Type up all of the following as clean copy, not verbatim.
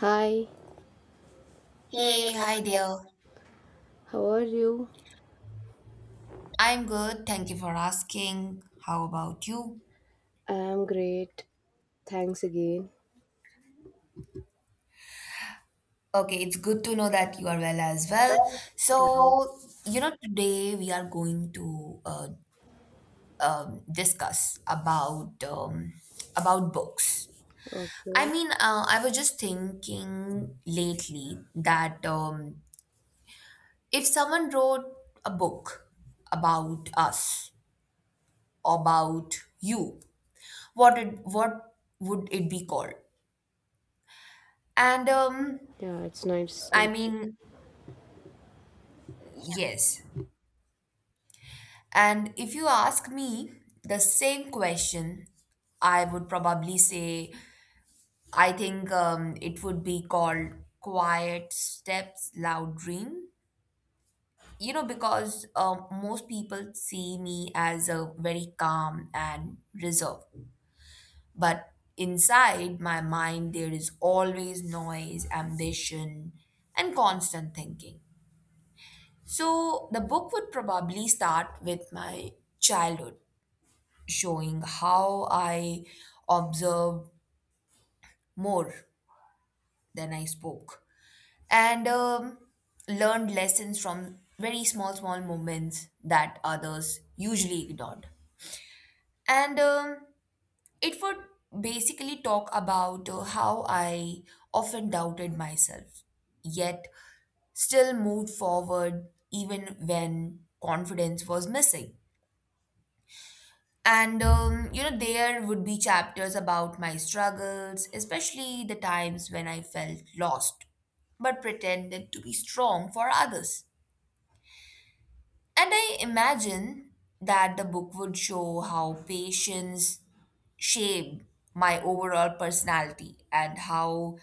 Hi, Hey, hi dear. how are you? I'm good. Thank you for asking. How about you? I am great. Thanks again. Okay, it's good to know that you are well as well. So, you know, today we are going to discuss about books. Okay. I mean, I was just thinking lately that if someone wrote a book about us, about you, what would it be called? And um, Yeah, it's nice. I mean, yes. And if you ask me the same question, I would probably say I think it would be called Quiet Steps, Loud Dream. You know, because most people see me as a very calm and reserved. But inside my mind, there is always noise, ambition, and constant thinking. So the book would probably start with my childhood, showing how I observed more than I spoke and learned lessons from very small, small moments that others usually ignored. And It would basically talk about how I often doubted myself, yet still moved forward even when confidence was missing. You know, there would be chapters about my struggles, especially the times when I felt lost, but pretended to be strong for others. And I imagine that the book would show how patience shaped my overall personality and how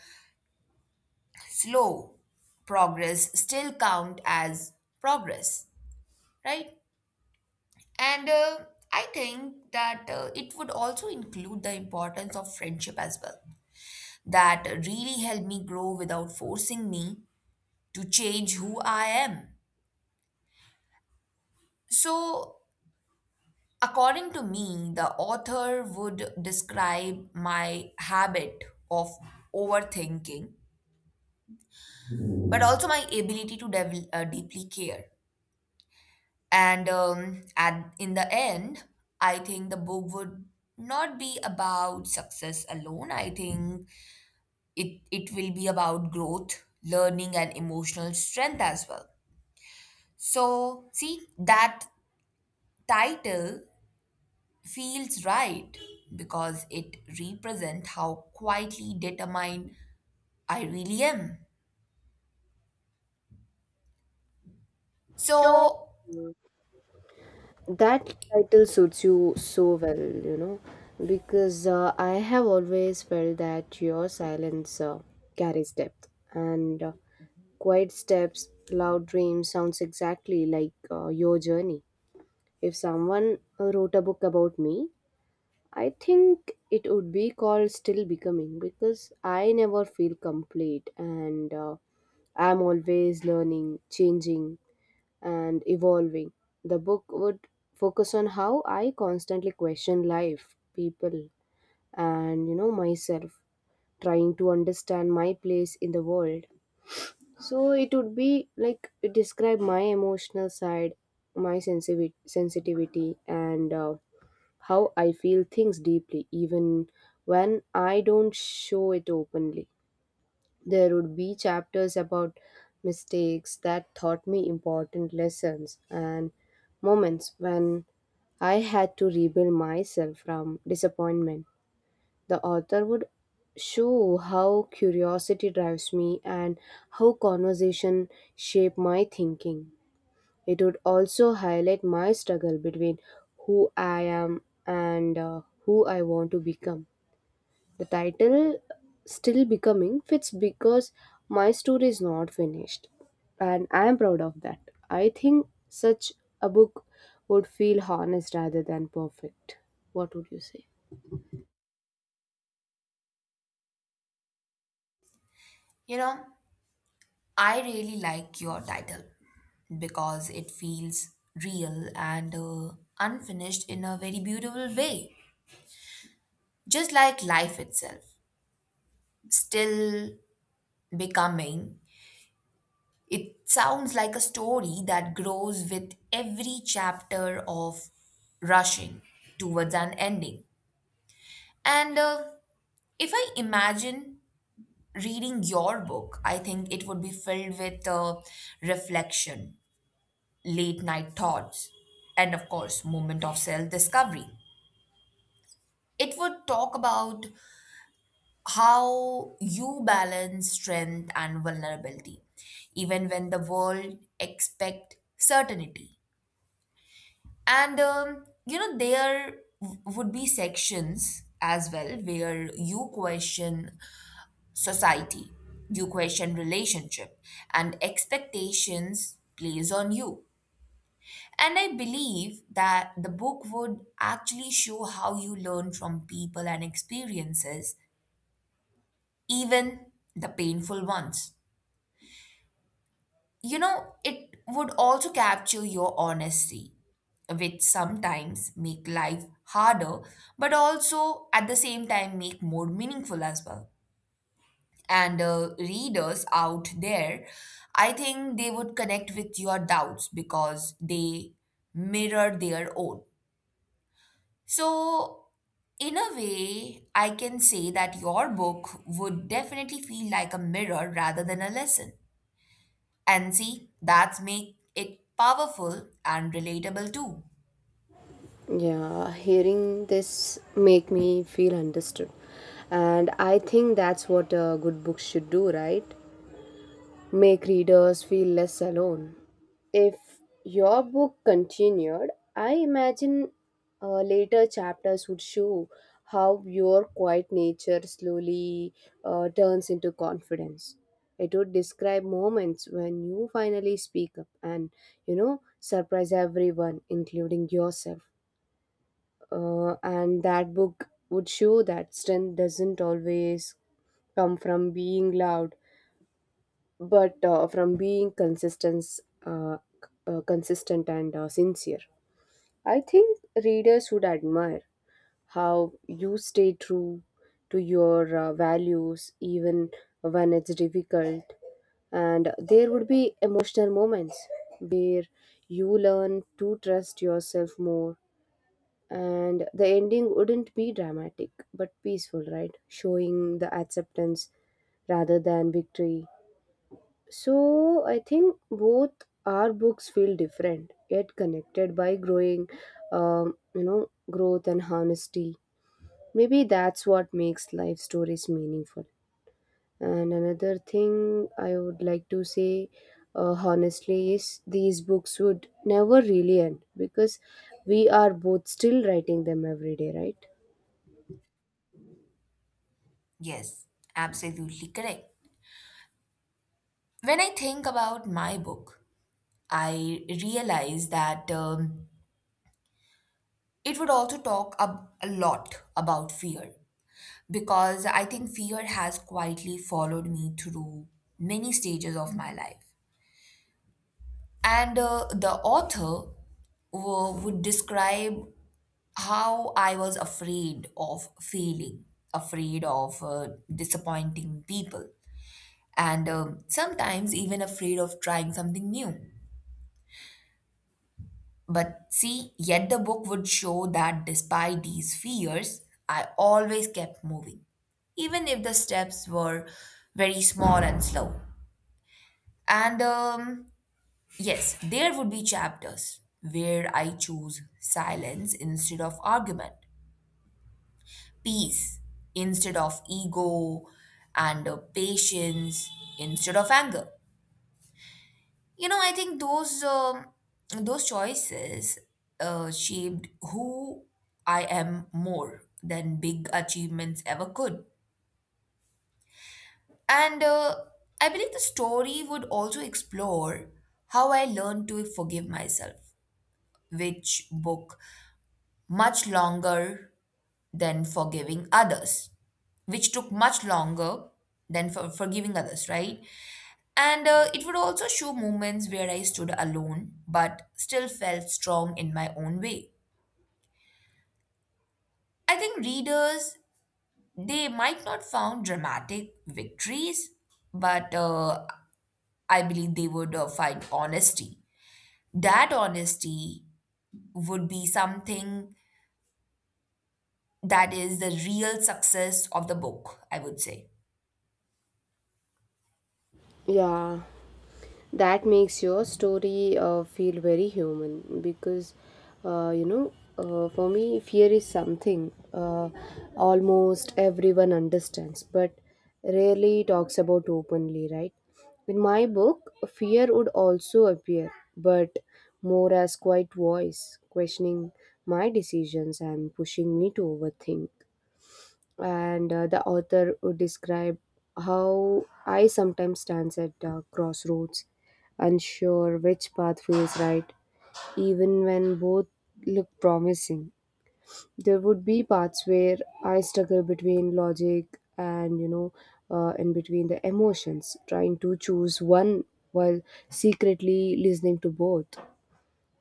slow progress still count as progress, right? And I think that it would also include the importance of friendship as well that really helped me grow without forcing me to change who I am. So, according to me, the author would describe my habit of overthinking, but also my ability to deeply care. And in the end, I think the book would not be about success alone. I think it will be about growth, learning, and emotional strength as well. So, see, that title feels right because it represents how quietly determined I really am. So, So, that title suits you so well, you know, because I have always felt that your silence carries depth, and quiet steps, loud dreams sounds exactly like your journey. If someone wrote a book about me, I think it would be called Still Becoming because I never feel complete and I'm always learning, changing, and evolving. The book would focus on how I constantly question life, people, and you know, myself, trying to understand my place in the world. So it would be like describe my emotional side, my sensitivity and how I feel things deeply, even when I don't show it openly. There would be chapters about mistakes that taught me important lessons and moments when I had to rebuild myself from disappointment. The author would show how curiosity drives me and how conversation shape my thinking. It would also highlight my struggle between who I am and who I want to become. The title, Still Becoming, fits because my story is not finished, and I am proud of that. I think such a book would feel honest rather than perfect. What would you say? you know, I really like your title because it feels real and unfinished in a very beautiful way. Just like life itself, still becoming. It sounds like a story that grows with every chapter of rushing towards an ending. And if I imagine reading your book, I think it would be filled with reflection, late night thoughts, and of course, moment of self discovery. It would talk about how you balance strength and vulnerability, even when the world expect certainty. And you know, there would be sections as well where you question society, you question relationship, and expectations plays on you. And I believe that the book would actually show how you learn from people and experiences, even the painful ones. You know, it would also capture your honesty, which sometimes make life harder, but also at the same time make more meaningful as well. And readers out there, I think they would connect with your doubts because they mirror their own. So, in a way, I can say that your book would definitely feel like a mirror rather than a lesson. And see, that's make it powerful and relatable too. Yeah, hearing this make me feel understood. And I think that's what a good book should do, right? Make readers feel less alone. If your book continued, I imagine later chapters would show how your quiet nature slowly turns into confidence. It would describe moments when you finally speak up and, you know, surprise everyone, including yourself. And that book would show that strength doesn't always come from being loud but from being consistent, uh, consistent and sincere. I think readers would admire how you stay true to your values even when it's difficult. And there would be emotional moments where you learn to trust yourself more. And the ending wouldn't be dramatic but peaceful, right? Showing the acceptance rather than victory. So I think both our books feel different, yet connected by growth and honesty. Maybe that's what makes life stories meaningful. And another thing I would like to say, honestly, is these books would never really end because we are both still writing them every day, right? Yes, absolutely correct. When I think about my book, I realize that it would also talk a lot about fear because I think fear has quietly followed me through many stages of my life. And the author would describe how I was afraid of failing, afraid of disappointing people, and sometimes even afraid of trying something new. But see, yet the book would show that despite these fears, I always kept moving, even if the steps were very small and slow. And yes, there would be chapters where I choose silence instead of argument, peace instead of ego, and patience instead of anger. You know, I think those choices shaped who I am more than big achievements ever could. And I believe the story would also explore how I learned to forgive myself, which book much longer than forgiving others which took much longer than forgiving others, right? And it would also show moments where I stood alone but still felt strong in my own way. I think readers, they might not found dramatic victories, but I believe they would find honesty. That honesty would be something that is the real success of the book, I would say. Yeah, that makes your story feel very human because uh, you know for me fear is something almost everyone understands but rarely talks about openly, right? In my book fear would also appear but more as quiet voice questioning my decisions and pushing me to overthink, and the author would describe how I sometimes stands at crossroads, unsure which path feels right, even when both look promising. There would be parts where I struggle between logic and in between the emotions, trying to choose one while secretly listening to both.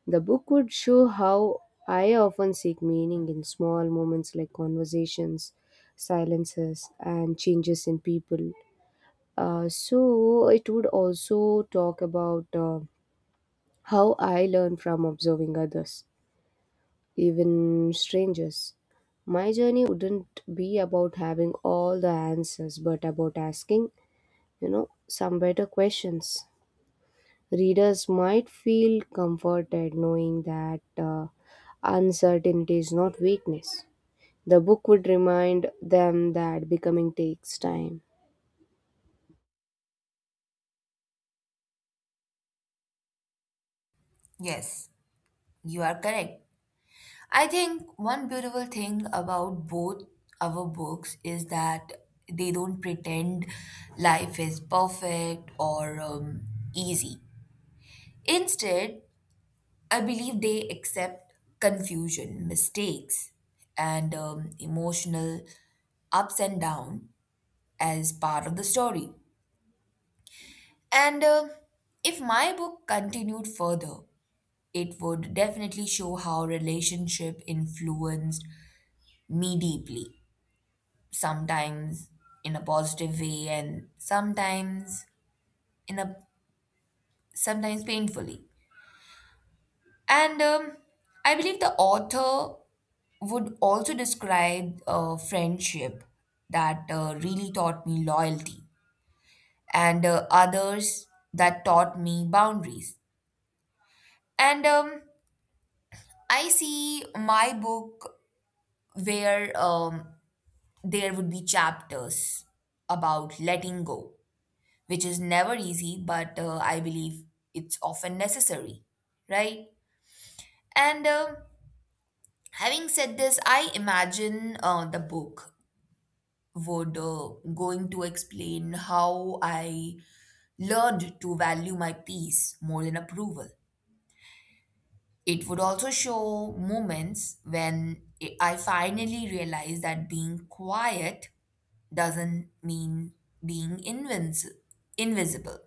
The book would show how I often seek meaning in small moments like conversations, silences, and changes in people. So it would also talk about how I learn from observing others, even strangers. My journey wouldn't be about having all the answers, but about asking, you know, some better questions. Readers might feel comforted knowing that uncertainty is not weakness. The book would remind them that becoming takes time. Yes, you are correct. I think one beautiful thing about both our books is that they don't pretend life is perfect or easy. Instead, I believe they accept confusion, mistakes, and emotional ups and downs as part of the story. And If my book continued further, it would definitely show how relationship influenced me deeply, sometimes in a positive way and sometimes in a sometimes painfully. And I believe the author would also describe a friendship that really taught me loyalty and others that taught me boundaries. And I see my book where there would be chapters about letting go, which is never easy, but I believe it's often necessary, right? And Having said this, I imagine the book would going to explain how I learned to value my peace more than approval. It would also show moments when I finally realized that being quiet doesn't mean being invisible.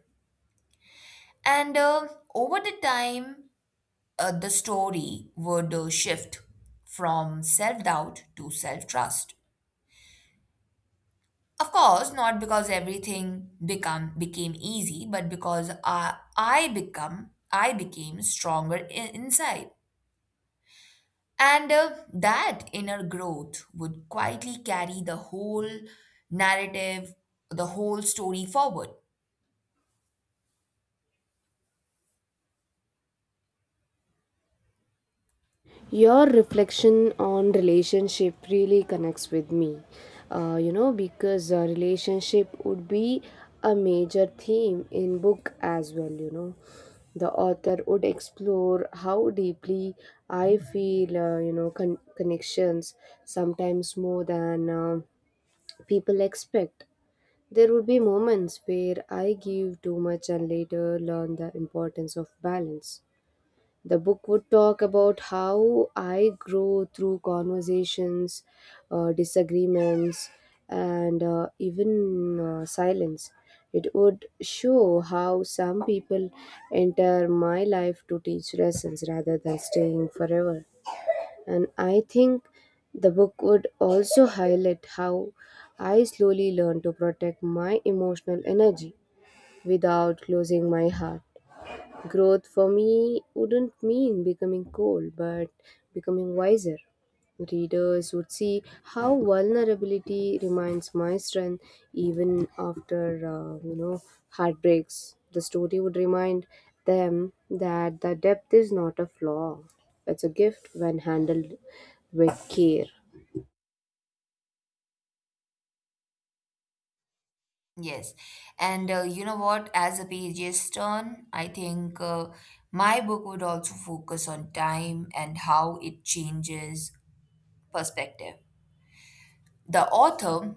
And over the time, the story would shift from self-doubt to self-trust. Of course, not because everything become became easy, but because I became stronger inside. And that inner growth would quietly carry the whole narrative, the whole story forward. Your reflection on relationship really connects with me, because relationship would be a major theme in book as well. You know, the author would explore how deeply I feel, connections sometimes more than. People expect. There would be moments where I give too much and later learn the importance of balance. The book would talk about how I grow through conversations, disagreements, and even silence. It would show how some people enter my life to teach lessons rather than staying forever. And I think the book would also highlight how I slowly learned to protect my emotional energy without closing my heart. Growth for me wouldn't mean becoming cold, but becoming wiser. Readers would see how vulnerability remains my strength even after, heartbreaks. The story would remind them that the depth is not a flaw, it's a gift when handled with care. Yes. And you know what? As the pages turn, I think my book would also focus on time and how it changes perspective. The author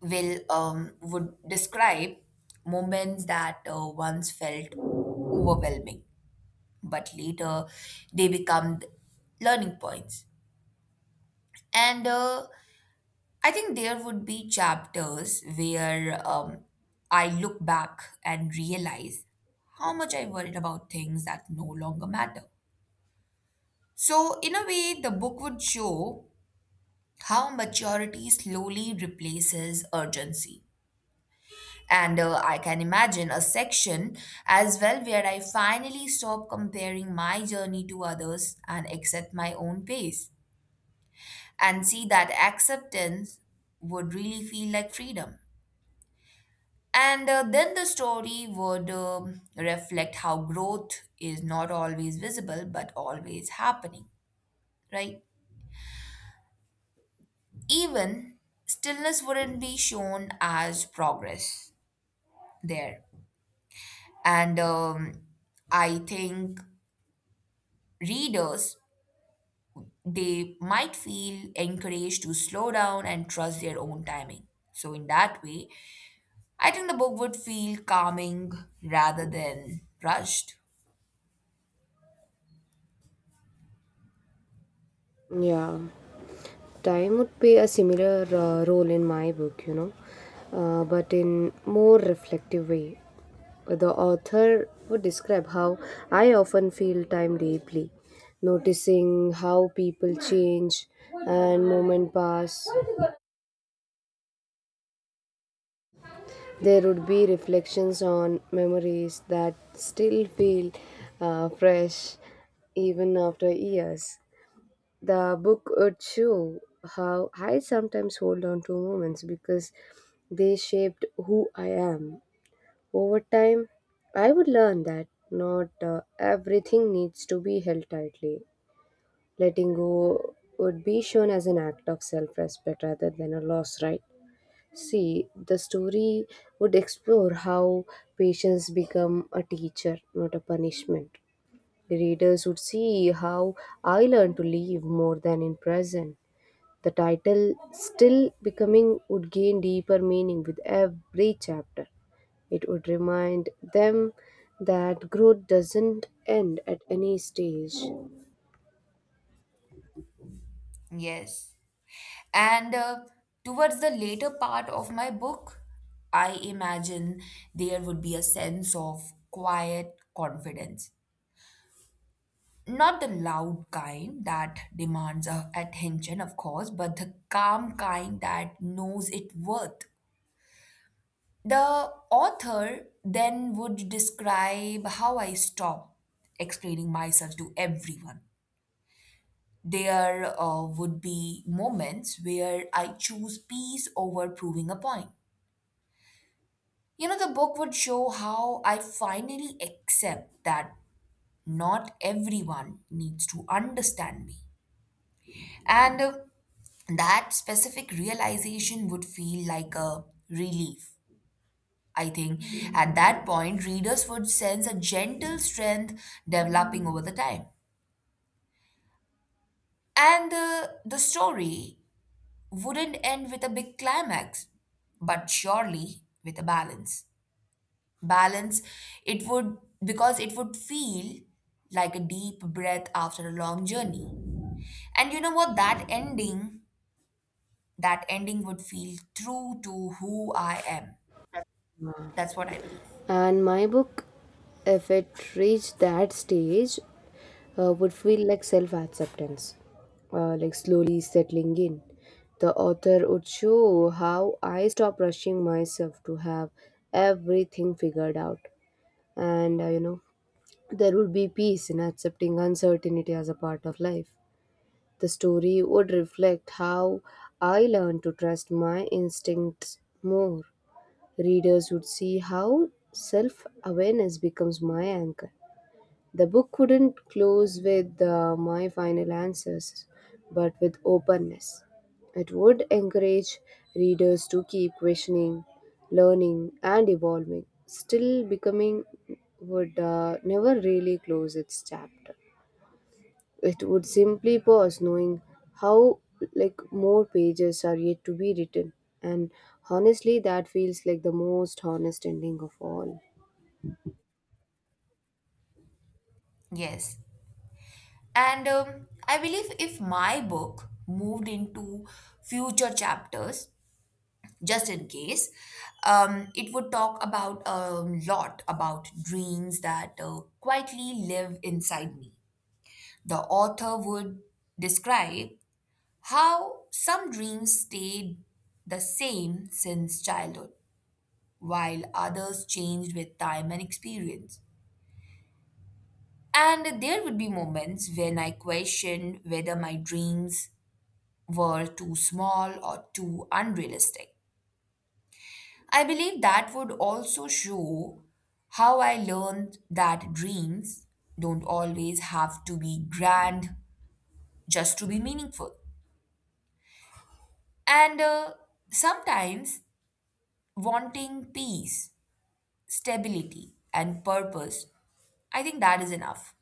will would describe moments that once felt overwhelming, but later they become learning points. And I think there would be chapters where I look back and realize how much I worried about things that no longer matter. So, in a way, the book would show how maturity slowly replaces urgency. And I can imagine a section as well where I finally stop comparing my journey to others and accept my own pace, and see that acceptance would really feel like freedom. And then the story would reflect how growth is not always visible but always happening, right? Even stillness wouldn't be shown as progress there. And I think readers, they might feel encouraged to slow down and trust their own timing. So, in that way, I think the book would feel calming rather than rushed. Yeah. Time would play a similar role in my book, you know, but in more reflective way. The author would describe how I often feel time deeply, noticing how people change and moment pass. There would be reflections on memories that still feel fresh even after years. The book would show how I sometimes hold on to moments because they shaped who I am. Over time, I would learn that not everything needs to be held tightly. Letting go would be shown as an act of self respect rather than a loss, right? See, the story would explore how patience become a teacher, not a punishment. The readers would see how I learned to live more than in prison. The title, still becoming, would gain deeper meaning with every chapter. It would remind them that growth doesn't end at any stage. Yes. And towards the later part of my book, I imagine there would be a sense of quiet confidence. Not the loud kind that demands attention, of course, but the calm kind that knows its worth. The author then would describe how I stopped explaining myself to everyone. There would be moments where I choose peace over proving a point. You know, the book would show how I finally accept that not everyone needs to understand me. And that specific realization would feel like a relief. I think at that point, readers would sense a gentle strength developing over the time. And the story wouldn't end with a big climax, but surely with a balance. Balance it would Because it would feel like a deep breath after a long journey. And you know what? That ending would feel true to who I am. That's what I believe. And my book, if it reached that stage, would feel like self acceptance, like slowly settling in. The author would show how I stop rushing myself to have everything figured out. And uh, you know, There would be peace in accepting uncertainty as a part of life. The story would reflect how I learned to trust my instincts more. Readers would see how self awareness becomes my anchor. The book couldn't close with my final answers, but with openness. It would encourage readers to keep questioning, learning, and evolving. Still, becoming would never really close its chapter. It would simply pause, knowing how like more pages are yet to be written. And honestly, that feels like the most honest ending of all. Yes and I believe if my book moved into future chapters, just in case, it would talk about a lot about dreams that quietly live inside me. The author would describe how some dreams stayed the same since childhood, while others changed with time and experience. And there would be moments when I questioned whether my dreams were too small or too unrealistic. I believe that would also show how I learned that dreams don't always have to be grand just to be meaningful. And sometimes wanting peace, stability, and purpose, I think that is enough.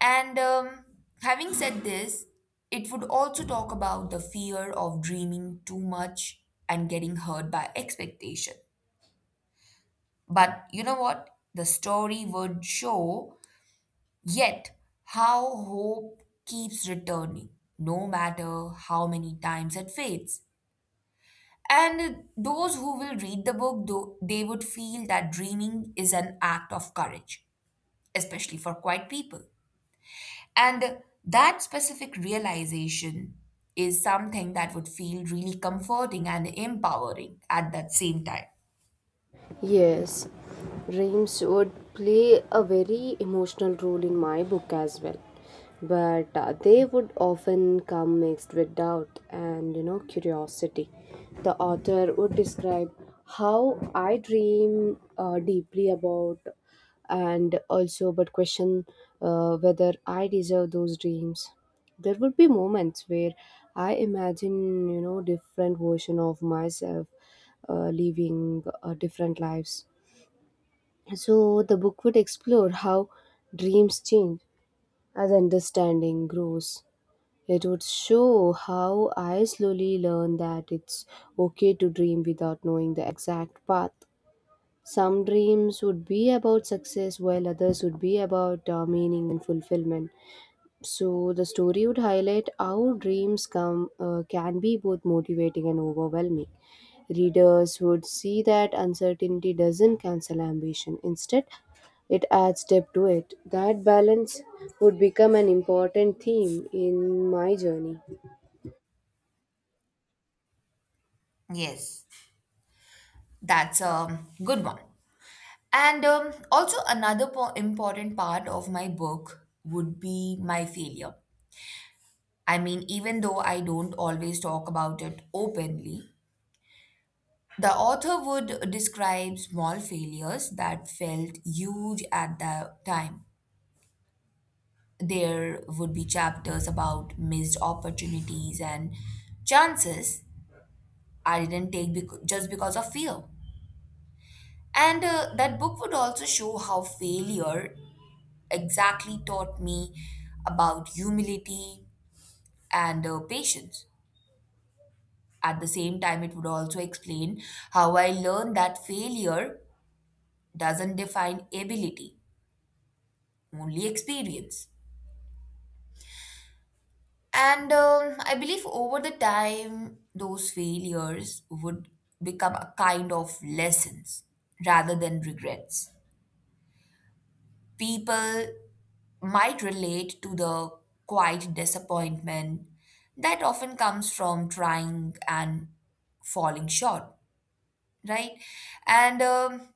And having said this, it would also talk about the fear of dreaming too much and getting hurt by expectation. But you know what? The story would show yet how hope keeps returning, no matter how many times it fades. And those who will read the book, though, they would feel that dreaming is an act of courage, especially for quiet people. And that specific realization is something that would feel really comforting and empowering at that same time. Yes, dreams would play a very emotional role in my book as well. But they would often come mixed with doubt and you know curiosity. The author would describe how I dream deeply about and also but question whether I deserve those dreams. There would be moments where I imagine, you know, different version of myself living different lives. So the book would explore how dreams change as understanding grows. It would show how I slowly learn that it's okay to dream without knowing the exact path. Some dreams would be about success, while others would be about meaning and fulfillment. So the story would highlight how dreams come can be both motivating and overwhelming. Readers would see that uncertainty doesn't cancel ambition. Instead, it adds depth to it. That balance would become an important theme in my journey. Yes, that's a good one. And also, another important part of my book would be my failure. I mean, even though I don't always talk about it openly, the author would describe small failures that felt huge at the time. There would be chapters about missed opportunities and chances I didn't take just because of fear. And that book would also show how failure exactly taught me about humility and patience. At the same time, it would also explain how I learned that failure doesn't define ability, only experience. And I believe over the time, those failures would become a kind of lessons rather than regrets. People might relate to the quiet disappointment that often comes from trying and falling short, right? And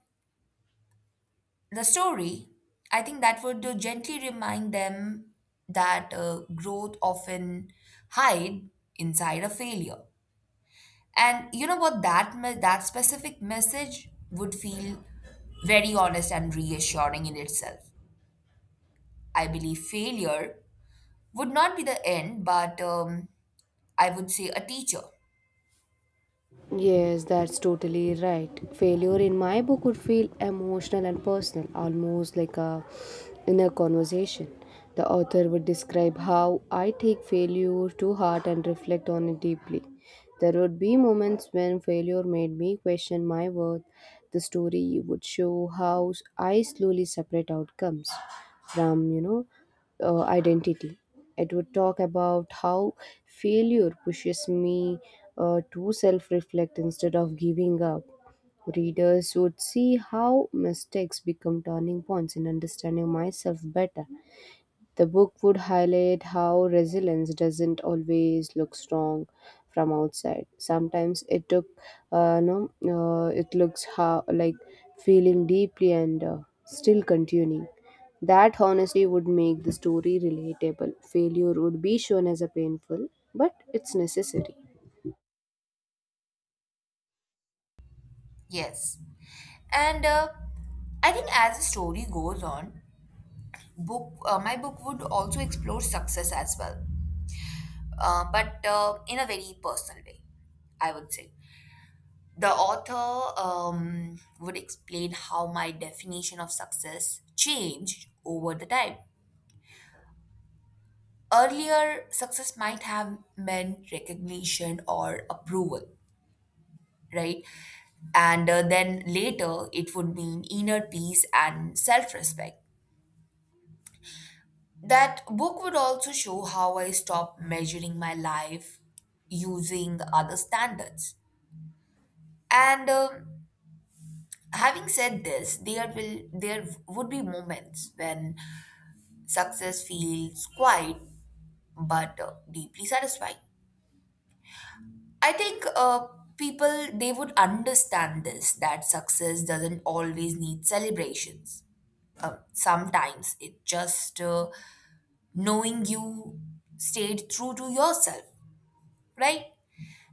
the story, I think that would gently remind them that growth often hide inside a failure. And you know what? That specific message would feel very honest and reassuring in itself. I believe failure would not be the end, but I would say a teacher. Yes, that's totally right. Failure in my book would feel emotional and personal, almost like a inner conversation. The author would describe how I take failure to heart and reflect on it deeply. There would be moments when failure made me question my worth. The story would show how I slowly separate outcomes from, you know, identity. It would talk about how failure pushes me to self reflect instead of giving up. Readers would see how mistakes become turning points in understanding myself better. The book would highlight how resilience doesn't always look strong from outside. Sometimes it took, no, it looks how like feeling deeply and still continuing. That honesty would make the story relatable. Failure would be shown as a painful, but it's necessary. Yes, and I think as the story goes on, book my book would also explore success as well, but in a very personal way, I would say. The author would explain how my definition of success changed over the time. Earlier, success might have meant recognition or approval, right? And then later, it would mean inner peace and self respect. That book would also show how I stopped measuring my life using other standards. And Having said this, there would be moments when success feels quiet but deeply satisfying. I think people they would understand this that success doesn't always need celebrations. Sometimes it just knowing you stayed true to yourself, right?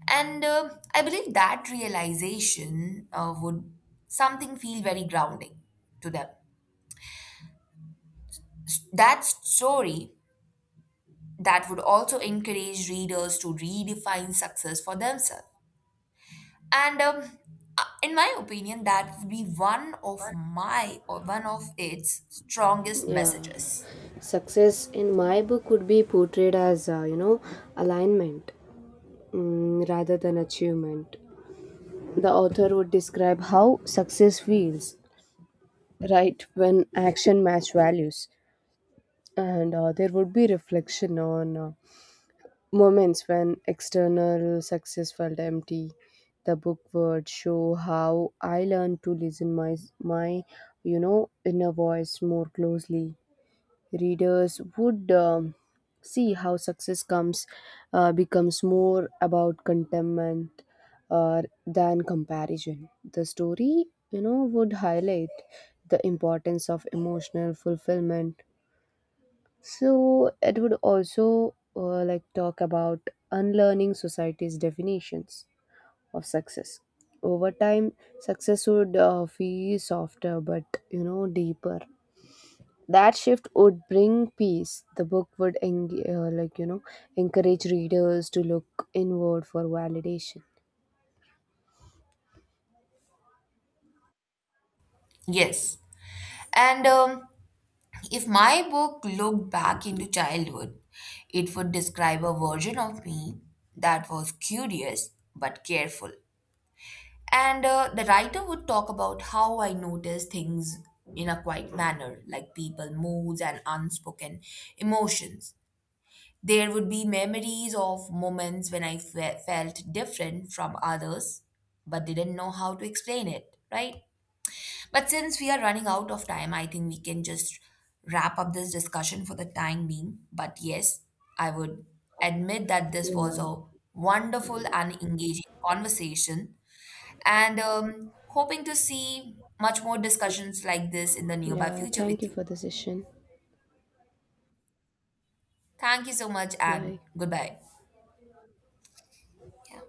And I believe that realization would something feel very grounding to them. That story that would also encourage readers to redefine success for themselves. And in my opinion, that would be one of my or one of its strongest Yeah. messages. Success in my book would be portrayed as, you know, alignment, mm, rather than achievement. The author would describe how success feels, right, when action match values. And there would be reflection on moments when external success felt empty. The book would show how I learned to listen my you know inner voice more closely. Readers would see how success comes becomes more about contentment than comparison. The story, you know, would highlight the importance of emotional fulfillment. So it would also like talk about unlearning society's definitions of success. Over time, success would feel softer, but you know, deeper. That shift would bring peace. The book would like you know encourage readers to look inward for validation. Yes. And if my book looked back into childhood, it would describe a version of me that was curious but careful. And the writer would talk about how I notice things in a quiet manner, like people, moods, and unspoken emotions. There would be memories of moments when I felt different from others, but didn't know how to explain it, right? But since we are running out of time, I think we can just wrap up this discussion for the time being. But yes, I would admit that this was a wonderful and engaging conversation, and hoping to see much more discussions like this in the nearby Yeah, future thank with you you. for the session. Thank you so much and Bye. goodbye. Yeah.